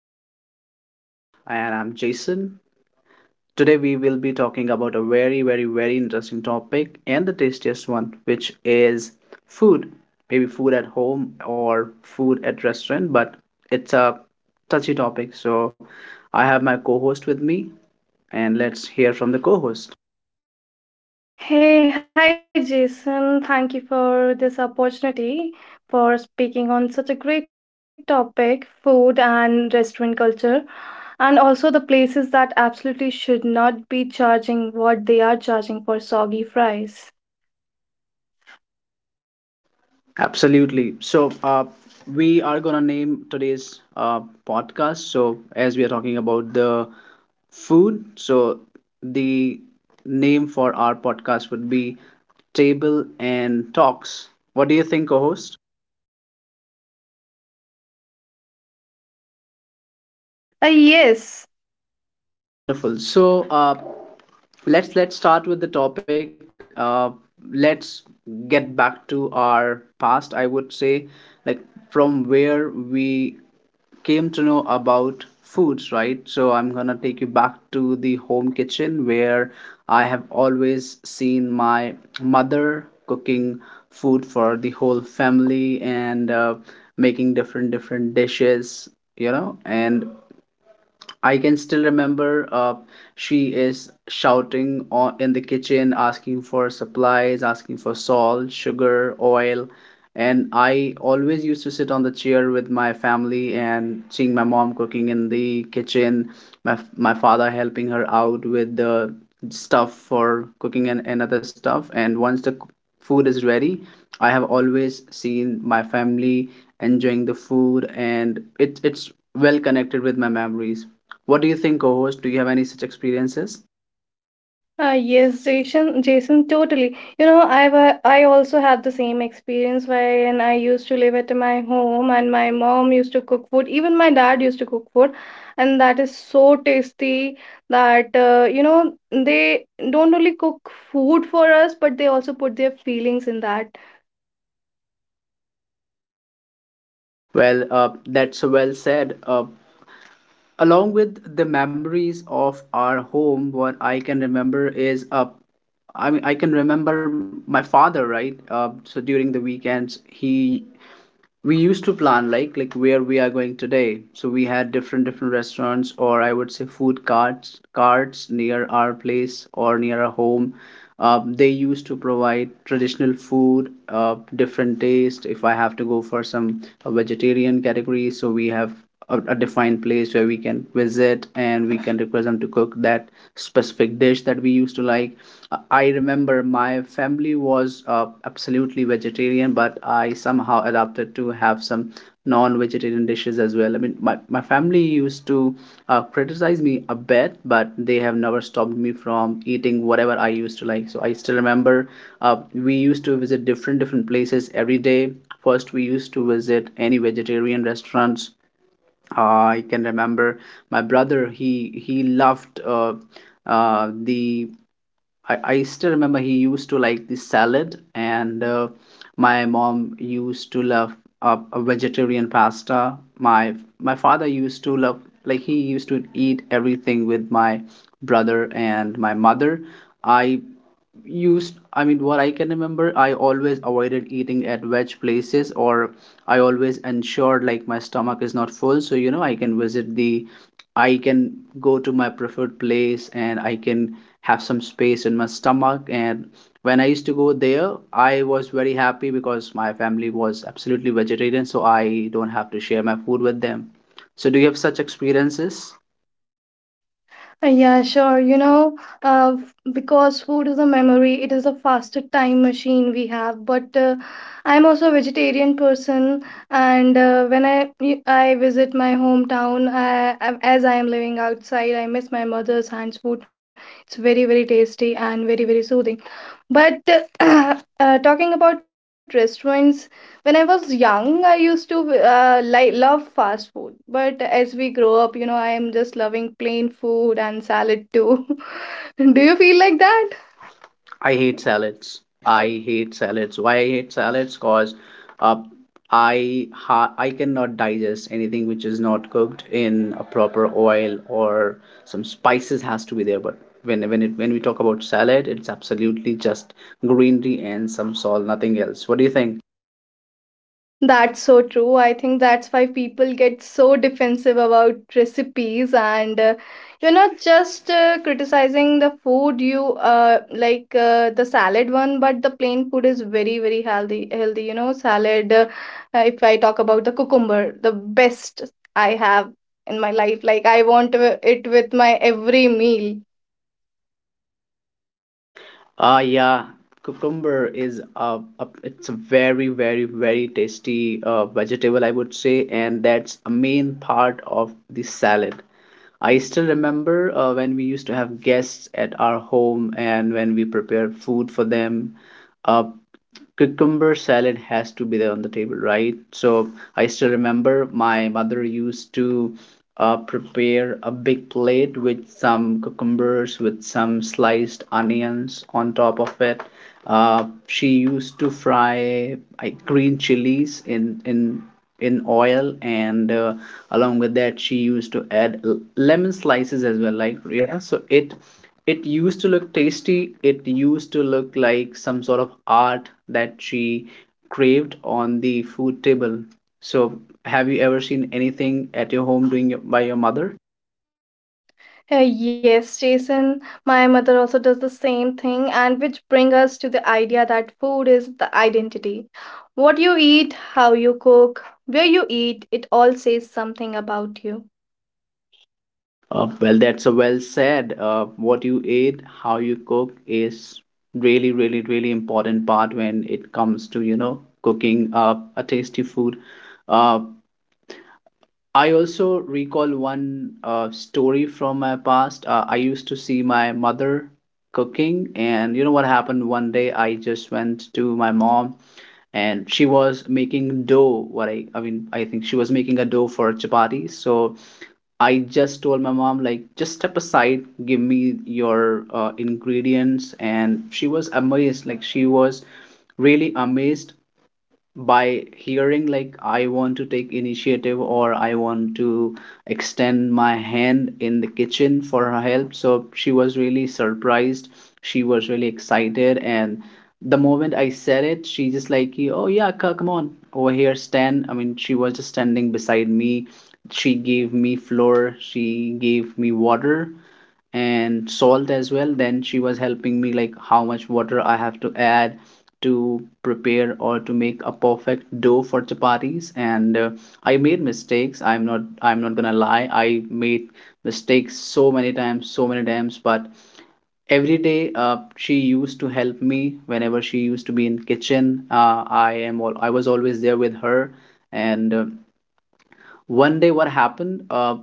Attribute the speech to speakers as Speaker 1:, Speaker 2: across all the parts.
Speaker 1: This is your host, and I'm Jason. Today, we will be talking about a very, very, very interesting topic and the tastiest one, which is food. Maybe food at home or food at restaurant, but it's a touchy topic. So, I have my co host with me, and let's hear from the co host.
Speaker 2: Hey, hi Jason. Thank you for this opportunity for speaking on such a great topic, food and restaurant culture, and also the places that absolutely should not be charging what they are charging for soggy fries.
Speaker 1: Absolutely. We are gonna name today's podcast. So, as we are talking about the food, so the name for our podcast would be Table and Talks. What do you think, co-host?
Speaker 2: Uh, yes,
Speaker 1: Wonderful. Let's start with the topic. Let's get back to our past. I would say, like from where we came to know about foods, right? So I'm gonna take you back to the home kitchen where I have always seen my mother cooking food for the whole family and making different dishes, you know, and I can still remember, she is shouting in the kitchen, asking for supplies, asking for salt, sugar, oil. And I always used to sit on the chair with my family and seeing my mom cooking in the kitchen, my father helping her out with the stuff for cooking and other stuff. And once the food is ready, I have always seen my family enjoying the food, and it's well connected with my memories. What do you think, co host? Do you have any such experiences?
Speaker 2: Yes, Jason, totally. You know, I also had the same experience wherein I used to live at my home and my mom used to cook food. Even my dad used to cook food, and that is so tasty that you know, they don't only cook food for us, but they also put their feelings in that.
Speaker 1: That's well said. Along with the memories of our home, what I can remember is, I mean, I can remember my father, right? So during the weekends, he we used to plan like where we are going today, so we had different restaurants, or I would say food carts near our place or near our home. They used to provide traditional food, different taste. If I have to go for some vegetarian category, so we have a defined place where we can visit and we can request them to cook that specific dish that we used to like. I remember my family was absolutely vegetarian, but I somehow adapted to have some non-vegetarian dishes as well. I mean, my family used to criticize me a bit, but they have never stopped me from eating whatever I used to like. So I still remember, we used to visit different places every day. First, we used to visit any vegetarian restaurants. I can remember my brother. He loved. Uh, the I still remember he used to like the salad, and my mom used to love a vegetarian pasta. My father used to love, like, he used to eat everything with my brother and my mother. I I mean what I can remember, I always avoided eating at veg places, or I always ensured like my stomach is not full, so you know I can visit the I can go to my preferred place and I can have some space in my stomach. And when I used to go there, I was very happy because my family was absolutely vegetarian, so I don't have to share my food with them. So do you have such experiences?
Speaker 2: Yeah, sure. You know, because food is a memory, it is a faster time machine we have. But I'm also a vegetarian person, and when I visit my hometown, as I am living outside, I miss my mother's hands food. It's very, very tasty and very, very soothing. But talking about restaurants, when I was young, I used to like love fast food. But as we grow up, you know, I am just loving plain food and salad too. Do you feel like that?
Speaker 1: I hate salads. I hate salads. Why I hate salads? Cause, uh, I cannot digest anything which is not cooked in a proper oil, or some spices has to be there. But when we talk about salad, it's absolutely just greenery and some salt, nothing else. What do you think?
Speaker 2: That's so true. I think that's why people get so defensive about recipes, and you're not just criticizing the food you like the salad one, but the plain food is very, very healthy. Healthy, you know, salad. If I talk about the cucumber, the best I have in my life. Like I want it with my every meal.
Speaker 1: Ah, yeah. Cucumber is a, it's a very very very tasty vegetable, I would say, and that's a main part of the salad. I still remember, when we used to have guests at our home and when we prepared food for them. Uh, cucumber salad has to be there on the table, right? So I still remember my mother used to prepare a big plate with some cucumbers with some sliced onions on top of it. She used to fry, like, green chilies in oil, and along with that she used to add lemon slices as well, like, yeah, so it used to look tasty. It used to look like some sort of art that she craved on the food table. So, have you ever seen anything at your home doing your- by your mother?
Speaker 2: Yes, Jason, my mother also does the same thing, and which bring us to the idea that food is the identity. What you eat, how you cook, where you eat, it all says something about you.
Speaker 1: Well, that's a well said. What you eat, how you cook is really, really, really important part when it comes to, you know, cooking a tasty food. Uh, I also recall one story from my past. I used to see my mother cooking, and you know what happened one day? I just went to my mom, and she was making dough. I mean, I think she was making a dough for chapati. So I just told my mom, like, just step aside, give me your ingredients, and she was amazed. Like, she was really amazed by hearing like I want to take initiative or I want to extend my hand in the kitchen for her help. So she was really surprised, she was really excited, and the moment I said it, she just, like, oh yeah, come on over here, stand, I mean, she was just standing beside me. She gave me flour, she gave me water, and salt as well. Then she was helping me like how much water I have to add to prepare or to make a perfect dough for chapatis, and I made mistakes, I'm not gonna lie, I made mistakes so many times, so many times. But every day, she used to help me whenever she used to be in kitchen. I am all I was always there with her. And one day what happened,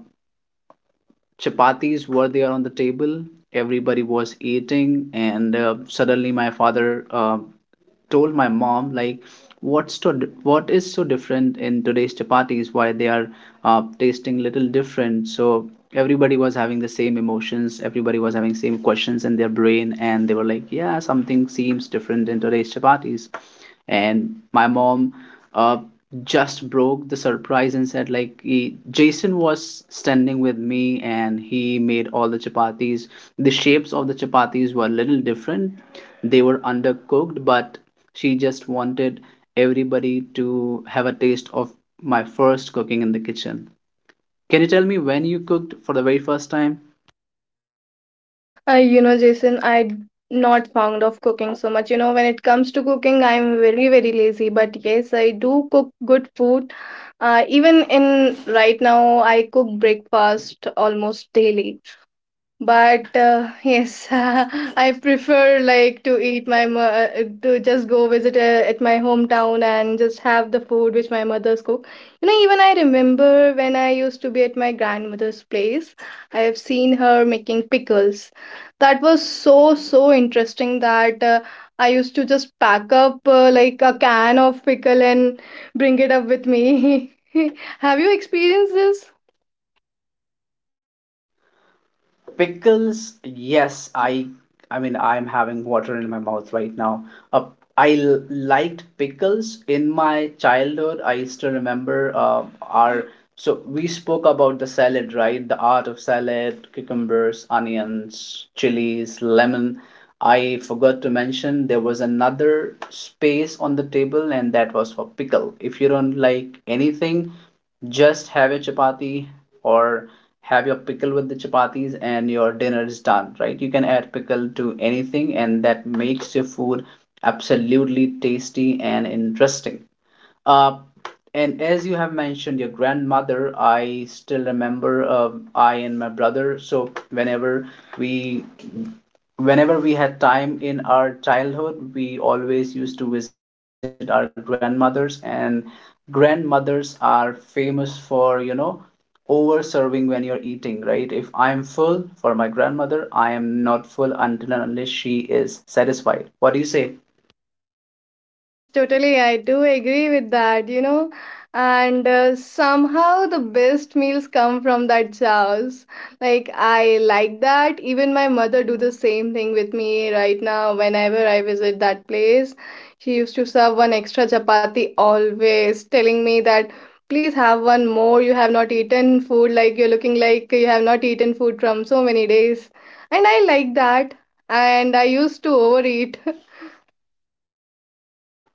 Speaker 1: chapatis were there on the table, everybody was eating, and suddenly my father told my mom, like, what's to what is so different in today's chapatis, why they are tasting little different? So everybody was having the same emotions, everybody was having same questions in their brain, and they were like, yeah, something seems different in today's chapatis. And my mom uh, just broke the surprise and said, like, he, Jason was standing with me and he made all the chapatis. The shapes of the chapatis were a little different, they were undercooked, but she just wanted everybody to have a taste of my first cooking in the kitchen. Can you tell me when you cooked for the very first time?
Speaker 2: You know, Jason, I not fond of cooking so much. You know, when it comes to cooking, I'm very, very lazy. But yes, I do cook good food. Even in right now, I cook breakfast almost daily. But yes, I prefer like to eat to just go visit at my hometown and just have the food which my mother's cook. You know, even I remember when I used to be at my grandmother's place, I have seen her making pickles. That was so so interesting that I used to just pack up like a can of pickle and bring it up with me. Have you experienced this?
Speaker 1: Pickles, yes, I mean I'm having water in my mouth right now. Uh, I liked pickles in my childhood. I used to remember our, so we spoke about the salad, right? The art of salad, cucumbers, onions, chilies, lemon. I forgot to mention there was another space on the table and that was for pickle. If you don't like anything, just have your chapati or have your pickle with the chapatis and your dinner is done, right? You can add pickle to anything and that makes your food absolutely tasty and interesting. Uh, and as you have mentioned your grandmother, I still remember, I and my brother. So we whenever we had time in our childhood, we always used to visit our grandmothers, and grandmothers are famous for, you know, over serving when you're eating, right? If I'm full for my grandmother, I am not full until and unless she is satisfied. What do you say?
Speaker 2: Yes, totally. I do agree with that, you know. And somehow the best meals come from that chaos. Like I like that. Even my mother do the same thing with me right now whenever I visit that place. She used to serve one extra chapati always, telling me that please have one more. You have not eaten food like you're looking like you have not eaten food from so many days. And I like that. And I used to overeat.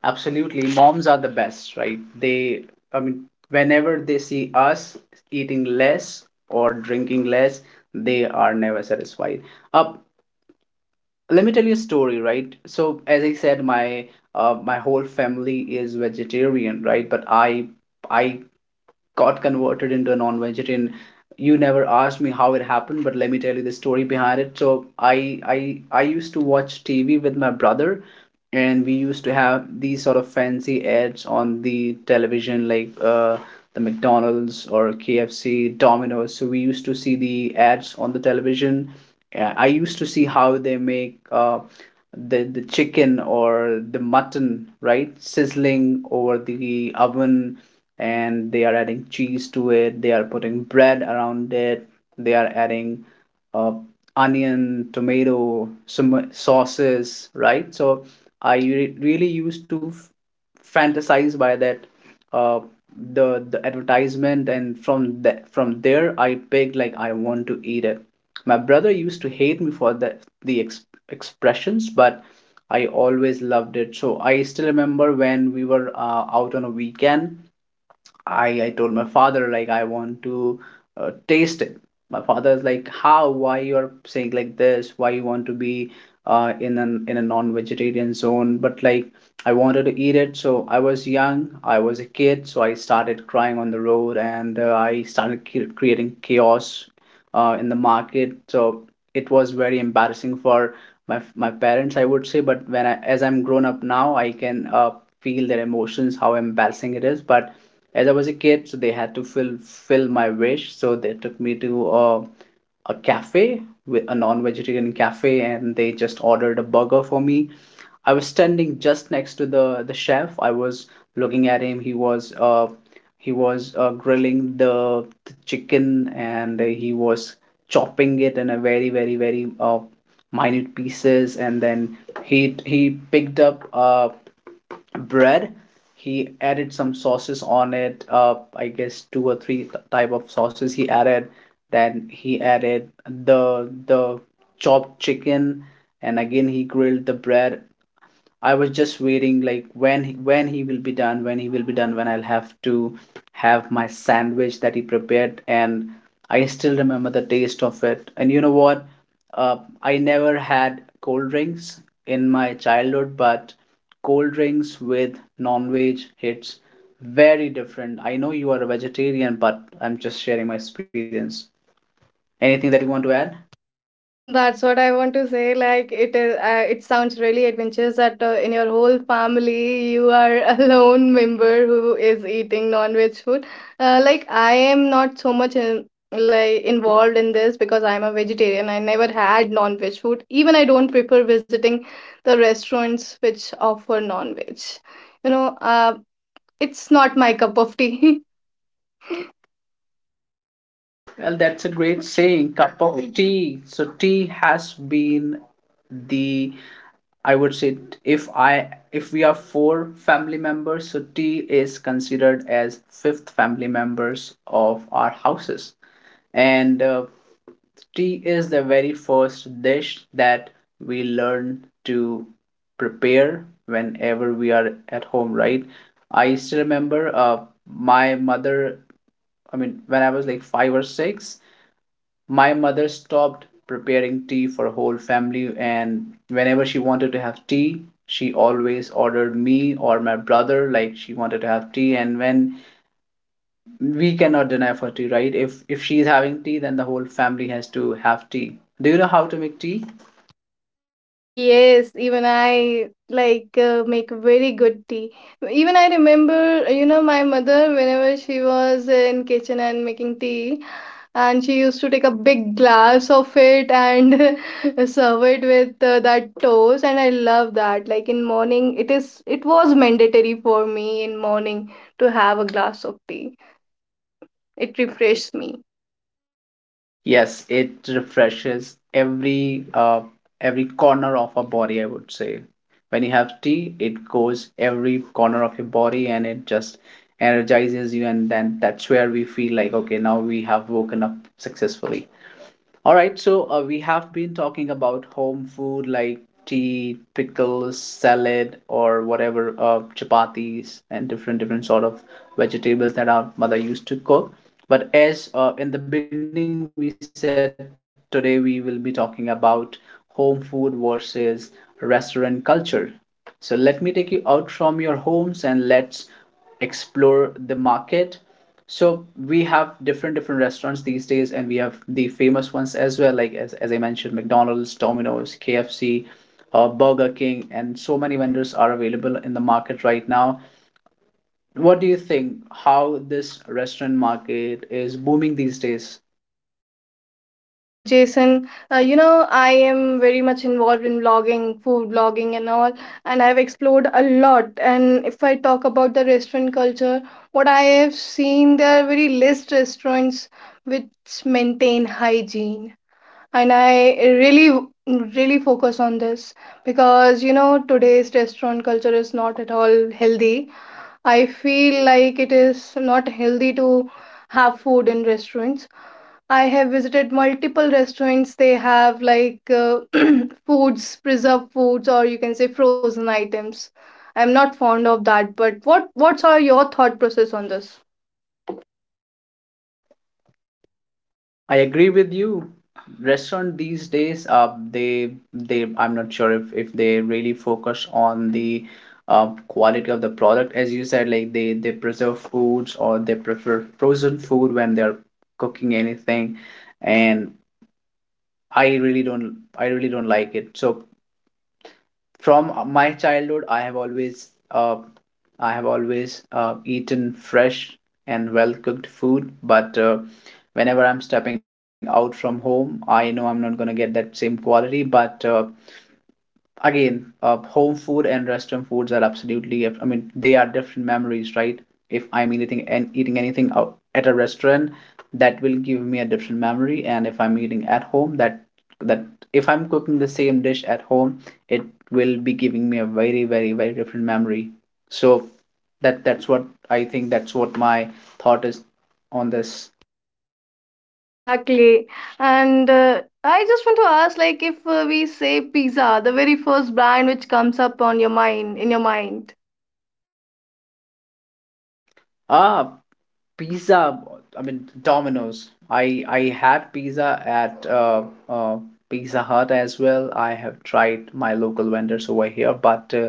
Speaker 1: Absolutely. Moms are the best, right? They, I mean, whenever they see us eating less or drinking less, they are never satisfied. Uh, let me tell you a story, right? So, as I said, my whole family is vegetarian, right? But I got converted into a non-vegetarian. You never asked me how it happened, but let me tell you the story behind it. So, I used to watch TV with my brother, and we used to have these sort of fancy ads on the television, like the McDonald's or KFC, Domino's. So we used to see the ads on the television. I used to see how they make the chicken or the mutton, right, sizzling over the oven, and they are adding cheese to it, they are putting bread around it, they are adding uh, onion, tomato, some sauces, right? So really used to fantasize by that uh, the advertisement, and from there I picked, like, I want to eat it. My brother used to hate me for the expressions, but I always loved it. So I still remember when we were out on a weekend. I told my father, like, I want to taste it. My father's like, how? Why you are saying like this? Why you want to be in a non-vegetarian zone? But like I wanted to eat it, so I was young, I was a kid, so I started crying on the road and I started creating chaos in the market. So it was very embarrassing for my parents, I would say. But when I as I'm grown up now, I can feel their emotions, how embarrassing it is. But as I was a kid, so they had to fill my wish. So they took me to a cafe, a non-vegetarian cafe, and they just ordered a burger for me. I was standing just next to the chef. I was looking at him. He was grilling the chicken, and he was chopping it in a very, very, very minute pieces, and then he picked up bread. He added some sauces on it, I guess two or three type of sauces he added. Then he added the chopped chicken, and again he grilled the bread. I was just waiting, like when he will be done, when he will be done, when I'll have to have my sandwich that he prepared. And I still remember the taste of it. And you know what? Uh, I never had cold drinks in my childhood, but cold drinks with non-veg hits very different. I know you are a vegetarian, but I'm just sharing my experience. Anything that you want to add?
Speaker 2: That's what I want to say. Like it is, it sounds really adventurous that in your whole family you are a lone member who is eating non-veg food. Like I am not so much in, like involved in this because I'm a vegetarian. I never had non-veg food. Even I don't prefer visiting the restaurants which offer non-veg. You know, it's not my cup of tea.
Speaker 1: Well, that's a great saying. Cup of tea. So tea has been the I would say, if we are four family members, so tea is considered as fifth family members of our houses, and tea is the very first dish that we learn to prepare whenever we are at home, right? I still remember, my mother, I mean, when I was like 5 or 6, my mother stopped preparing tea for the whole family, and whenever she wanted to have tea, she always ordered me or my brother like she wanted to have tea. And when we cannot deny for tea, right? If she's having tea, then the whole family has to have tea. Do you know how to make tea?
Speaker 2: Yes, even I like make very good tea. Even I remember, you know, my mother whenever she was in kitchen and making tea, and she used to take a big glass of it and serve it with that toast, and I love that. Like in morning, it was mandatory for me in morning to have a glass of tea. It refreshed me.
Speaker 1: Yes, it refreshes every corner of our body, I would say. When you have tea, it goes every corner of your body and it just energizes you, and then that's where we feel like okay, now we have woken up successfully. All right, so we have been talking about home food like tea, pickles, salad, or whatever, chapatis, and different different sort of vegetables that our mother used to cook. But as, in the beginning we said, today we will be talking about home food versus restaurant culture. So let me take you out from your homes and let's explore the market. So we have different different restaurants these days, and we have the famous ones as well, like as I mentioned, McDonald's, Domino's, KFC, Burger King, and so many vendors are available in the market right now. What do you think? How this restaurant market is booming these days?
Speaker 2: Oh, Jason, you know, I am very much involved in vlogging, food vlogging, and all, and I've explored a lot. And if I talk about the restaurant culture, what I have seen, there are very less restaurants which maintain hygiene. And I really, really focus on this because, you know, today's restaurant culture is not at all healthy. I feel like it is not healthy to have food in restaurants. I have visited multiple restaurants. They have like foods, preserved foods, or you can say frozen items. I'm not fond of that, but what what's are your thought process on this?
Speaker 1: I agree with you. Restaurant these days, they I'm not sure if they really focus on the quality of the product, as you said, like they preserve foods, or they prefer frozen food when they're cooking anything. And I really don't like it. So from my childhood, uh, I have always eaten fresh and well cooked food. But whenever I'm stepping out from home, I know I'm not going to get that same quality. But again, home food and restaurant foods are absolutely, I mean, they are different memories, right? If I'm eating anything out at a restaurant, that will give me a different memory. And if I'm eating at home, that, that if I'm cooking the same dish at home, it will be giving me a very, very, very different memory. So that's what I think. That's what my thought is on this.
Speaker 2: Exactly. And I just want to ask like if we say pizza, the very first brand which comes up on your mind.
Speaker 1: Ah, pizza, I mean Domino's. I had pizza at, uh, Pizza Hut as well. I have tried my local vendors over here, but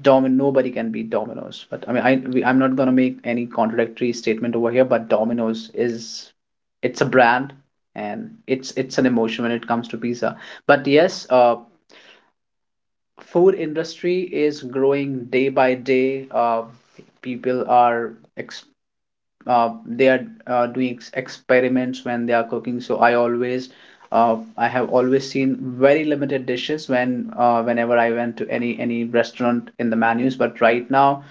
Speaker 1: Domin nobody can beat Domino's. But I mean, I'm not gonna make any contradictory statement over here. But Domino's is it's a brand, and it's an emotion when it comes to pizza. But yes, food industry is growing day by day. People are ex they are doing experiments when they are cooking. So I have always seen very limited dishes whenever I went to any restaurant in the menus. But right now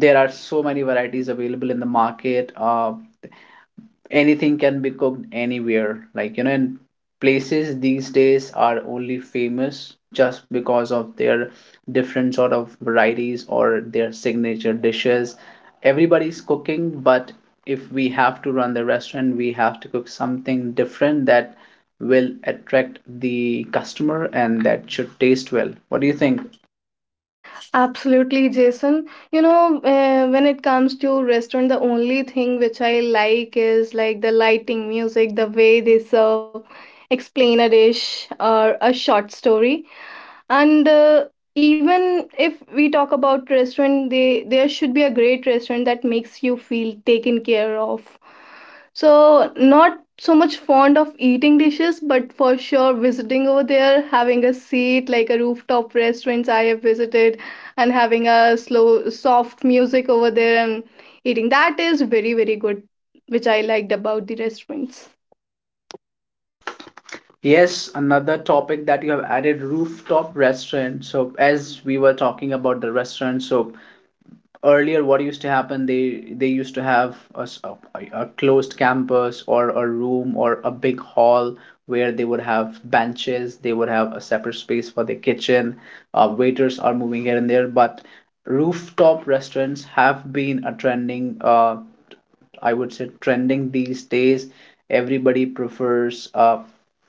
Speaker 1: there are so many varieties available in the market. Anything can be cooked anywhere, like you know, and places these days are only famous just because of their different sort of varieties or their signature dishes. Everybody's cooking, but if we have to run the restaurant, we have to cook something different that will attract the customer and that should taste well. What do you think?
Speaker 2: Absolutely, Jason. You know, when it comes to restaurant, the only thing which I like is like the lighting, music, the way they serve, explain a dish or a short story, and even if we talk about restaurant, they there should be a great restaurant that makes you feel taken care of. So not so much fond of eating dishes, but for sure visiting over there, having a seat like a rooftop restaurants I have visited, and having a slow soft music over there, and eating that is very, very good, which I liked about the restaurants.
Speaker 1: Yes, another topic that you have added, rooftop restaurant. So as we were talking about the restaurant, so earlier what used to happen, they used to have a closed campus, or a room, or a big hall where they would have benches. They would have a separate space for the kitchen. Waiters are moving here and there, but rooftop restaurants have been a trending, I would say trending these days. Everybody prefers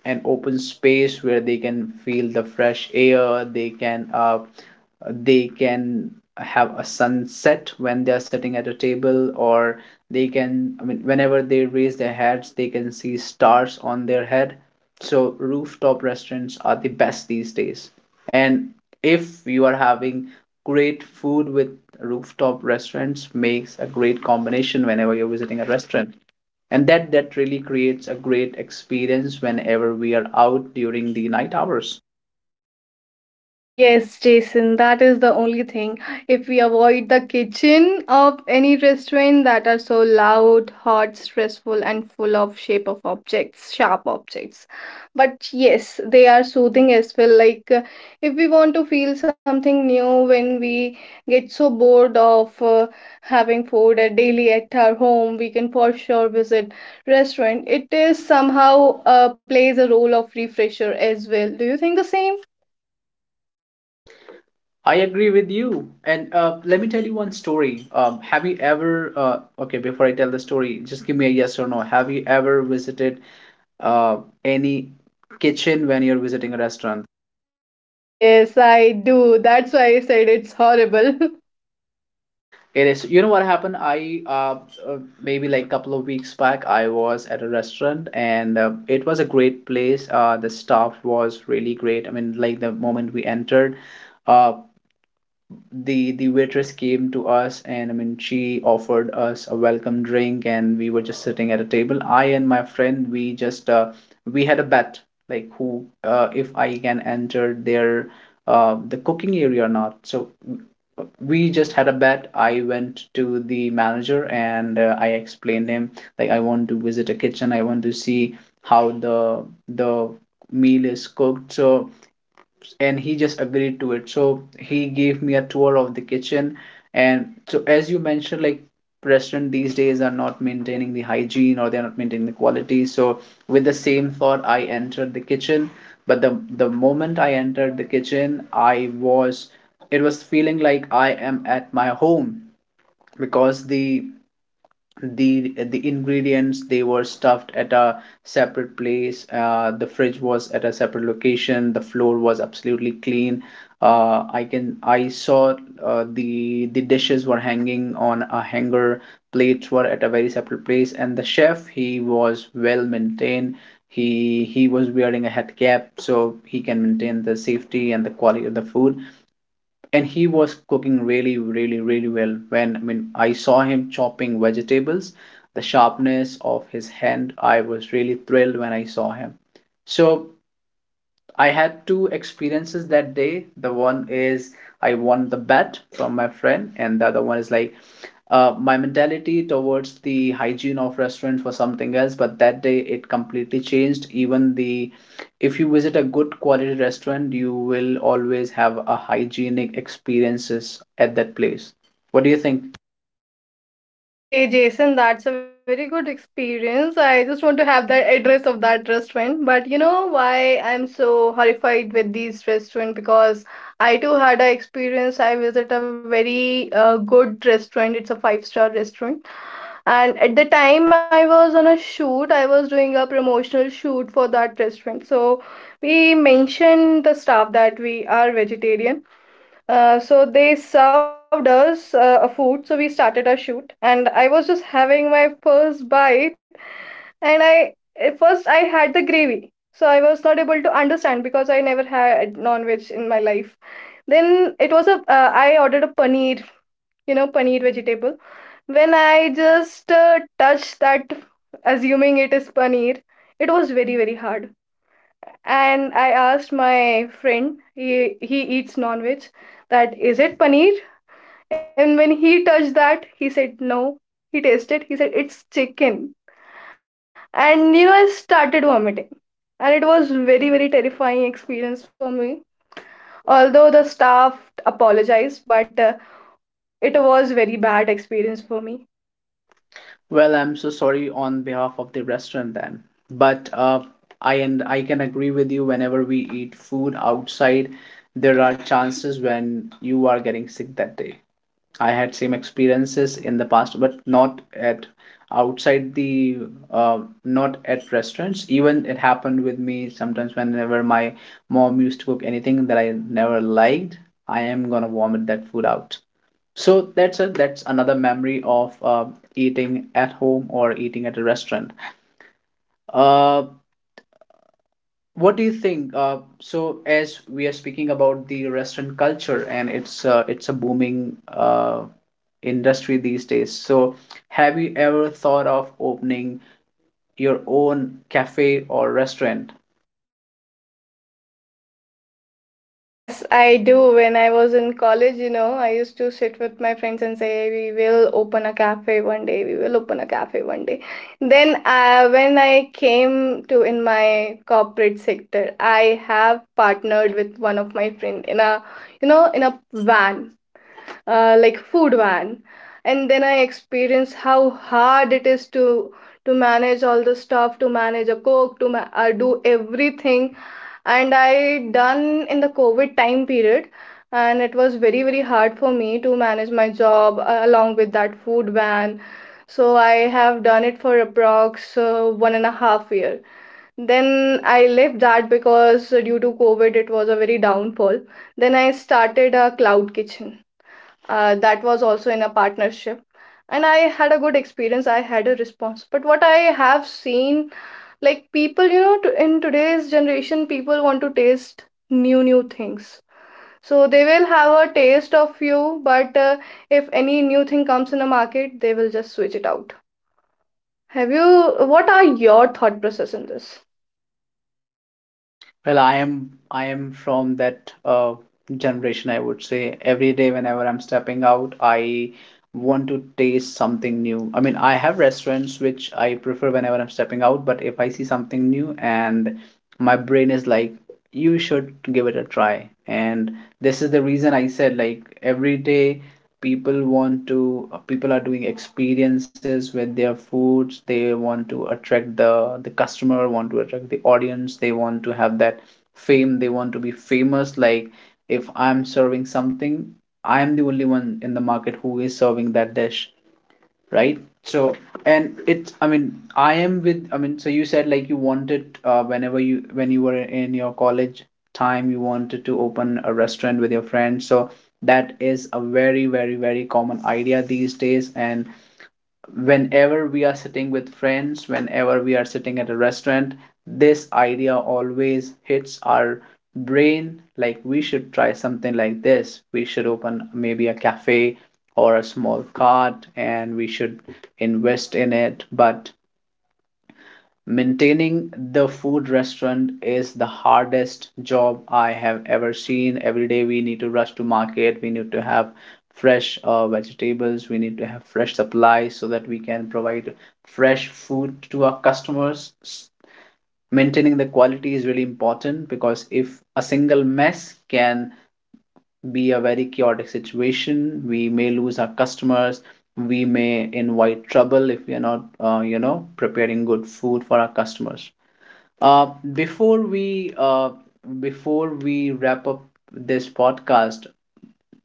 Speaker 1: an open space where they can feel the fresh air. They can have a sunset when they are sitting at a table, or they can I mean whenever they raise their heads, they can see stars on their head. So rooftop restaurants are the best these days. And if you are having great food with rooftop restaurants, makes a great combination whenever you're visiting a restaurant. And that really creates a great experience whenever we are out during the night hours.
Speaker 2: Yes, Jason, that is the only thing. If we avoid the kitchen of any restaurant that are so loud, hot, stressful, and full of shape of objects, sharp objects. But yes, they are soothing as well. Like if we want to feel something new when we get so bored of having food at daily at our home, we can for sure visit restaurant. It is somehow plays a role of refresher as well. Do you think the same?
Speaker 1: I agree with you. And let me tell you one story. Have you ever, okay, before I tell the story, just give me a yes or no. Have you ever visited uh, any kitchen when you're visiting a restaurant?
Speaker 2: Yes, I do. That's why I said it's horrible.
Speaker 1: It is, you know what happened? Maybe like couple of weeks back, I was at a restaurant, and it was a great place. The staff was really great. I mean, like the moment we entered, uh, the waitress came to us, and I mean, she offered us a welcome drink, and we were just sitting at a table. I and my friend, we had a bet, like who if I can enter their, the cooking area or not. So we just had a bet. I went to the manager, and I explained him like I want to visit a kitchen, I want to see how the meal is cooked. And he just agreed to it. So he gave me a tour of the kitchen. And so as you mentioned, like restaurant these days are not maintaining the hygiene, or they're not maintaining the quality. So with the same thought, I entered the kitchen. But the moment I entered the kitchen, I was it was feeling like I am at my home. Because the ingredients, they were stuffed at a separate place. The fridge was at a separate location. The floor was absolutely clean. I saw, the dishes were hanging on a hanger. Plates were at a very separate place, and the chef, he was well maintained. He was wearing a head cap, so he can maintain the safety and the quality of the food. And he was cooking really, really, really well. When i mean i saw him chopping vegetables. The sharpness of his hand, I was really thrilled when I saw him. So I had two experiences that day. The one is I won the bet from my friend, and the other one is like, my mentality towards the hygiene of restaurants was something else, but that day it completely changed. Even the if you visit a good quality restaurant, you will always have a hygienic experiences at that place. What do you think?
Speaker 2: Okay, Jason, that's a very good experience. I just want to have the address of that restaurant. But you know why I'm so horrified with these restaurant? Because I too had a experience. I visit a very good restaurant. It's a five-star restaurant. And at the time I was on a shoot, I was doing a promotional shoot for that restaurant. So we mentioned the staff that we are vegetarian. So they served us a food, so we started our shoot, and I was just having my first bite, and I at first I had the gravy, so I was not able to understand because I never had non-veg in my life. Then it was a I ordered a paneer, you know, paneer vegetable. When I just touched that, assuming it is paneer, it was very, very hard, and I asked my friend, he eats non-veg, that is it paneer? And when he touched that, he said no. He tasted, he said it's chicken. And you know, I started vomiting. And it was very, very terrifying experience for me. Although the staff apologized, but it was very bad experience for me.
Speaker 1: Well, I'm so sorry on behalf of the restaurant then. But I can agree with you, whenever we eat food outside, there are chances when you are getting sick that day. I had same experiences in the past, but not at, outside the not at restaurants. Even it happened with me sometimes whenever my mom used to cook anything that I never liked, I am gonna vomit that food out. So that's another memory of eating at home or eating at a restaurant. Uh, what do you think? As we are speaking about the restaurant culture, and it's a booming industry these days. So, have you ever thought of opening your own cafe or restaurant?
Speaker 2: Yes, I do. When I was in college, you know, I used to sit with my friends and say, "We will open a cafe one day. We will open a cafe one day." Then, when I came to in my corporate sector, I have partnered with one of my friend in a, you know, in a van, like food van, and then I experienced how hard it is to manage all the stuff, to manage a cook, to do everything. And I done in the COVID time period, and it was very, very hard for me to manage my job along with that food van. So I have done it for approx 1.5 year. Then I left that because due to COVID it was a very downfall. Then I started a cloud kitchen, that was also in a partnership, and I had a good experience, I had a response. But what I have seen, like people, you know, in today's generation people want to taste new new things, so they will have a taste of you. But if any new thing comes in the market they will just switch it out. Have you, what are your thought process in this?
Speaker 1: Well, I am from that generation, I would say. Every day whenever I'm stepping out, I want to taste something new. I mean, I have restaurants which I prefer whenever I'm stepping out, but if I see something new and my brain is like, you should give it a try. And this is the reason I said, like every day people want to people are doing experiences with their foods, they want to attract the customer, want to attract the audience, they want to have that fame, they want to be famous. Like, if I'm serving something, I'm the only one in the market who is serving that dish, right? So, and it's I mean I am with I mean so you said like you wanted, whenever you when you were in your college time, you wanted to open a restaurant with your friends. So that is a very, very, very common idea these days. And whenever we are sitting with friends, whenever we are sitting at a restaurant, this idea always hits our brain, like we should try something like this, we should open maybe a cafe or a small cart and we should invest in it. But maintaining the food restaurant is the hardest job I have ever seen. Every day we need to rush to market, we need to have fresh vegetables, we need to have fresh supplies so that we can provide fresh food to our customers. Maintaining the quality is really important, because if a single mess can be a very chaotic situation, we may lose our customers. We may invite trouble if we are not, you know, preparing good food for our customers. Uh, Before we wrap up this podcast,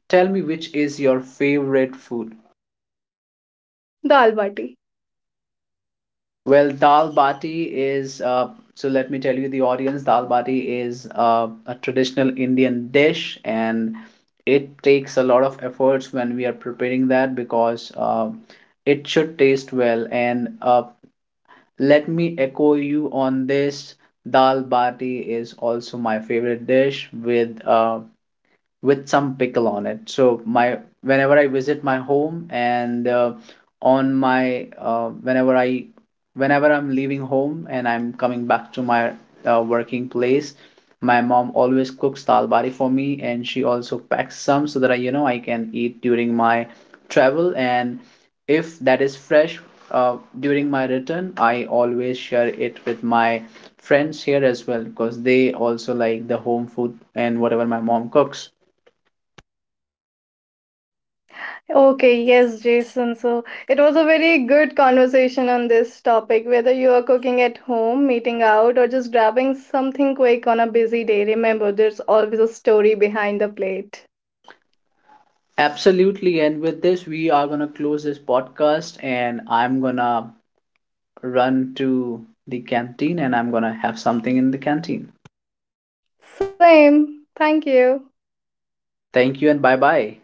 Speaker 1: tell me which is your favorite food.
Speaker 2: Dal bati.
Speaker 1: Well, dal bati is Let me tell you, the audience, dal bati is a traditional Indian dish, and it takes a lot of efforts when we are preparing that, because it should taste well. And let me echo you on this. Dal bati is also my favorite dish with some pickle on it. So my, whenever I visit my home, and on my whenever I whenever I'm leaving home and I'm coming back to my working place, my mom always cooks dal bari for me, and she also packs some so that I, you know, I can eat during my travel. And if that is fresh, during my return, I always share it with my friends here as well, because they also like the home food and whatever my mom cooks.
Speaker 2: Okay, yes, Jason. So it was a very good conversation on this topic, whether you are cooking at home, meeting out, or just grabbing something quick on a busy day. Remember, there's always a story behind the plate.
Speaker 1: Absolutely. And with this, we are going to close this podcast, and I'm going to run to the canteen and I'm going to have something in the canteen.
Speaker 2: Same. Thank you.
Speaker 1: Thank you and bye bye.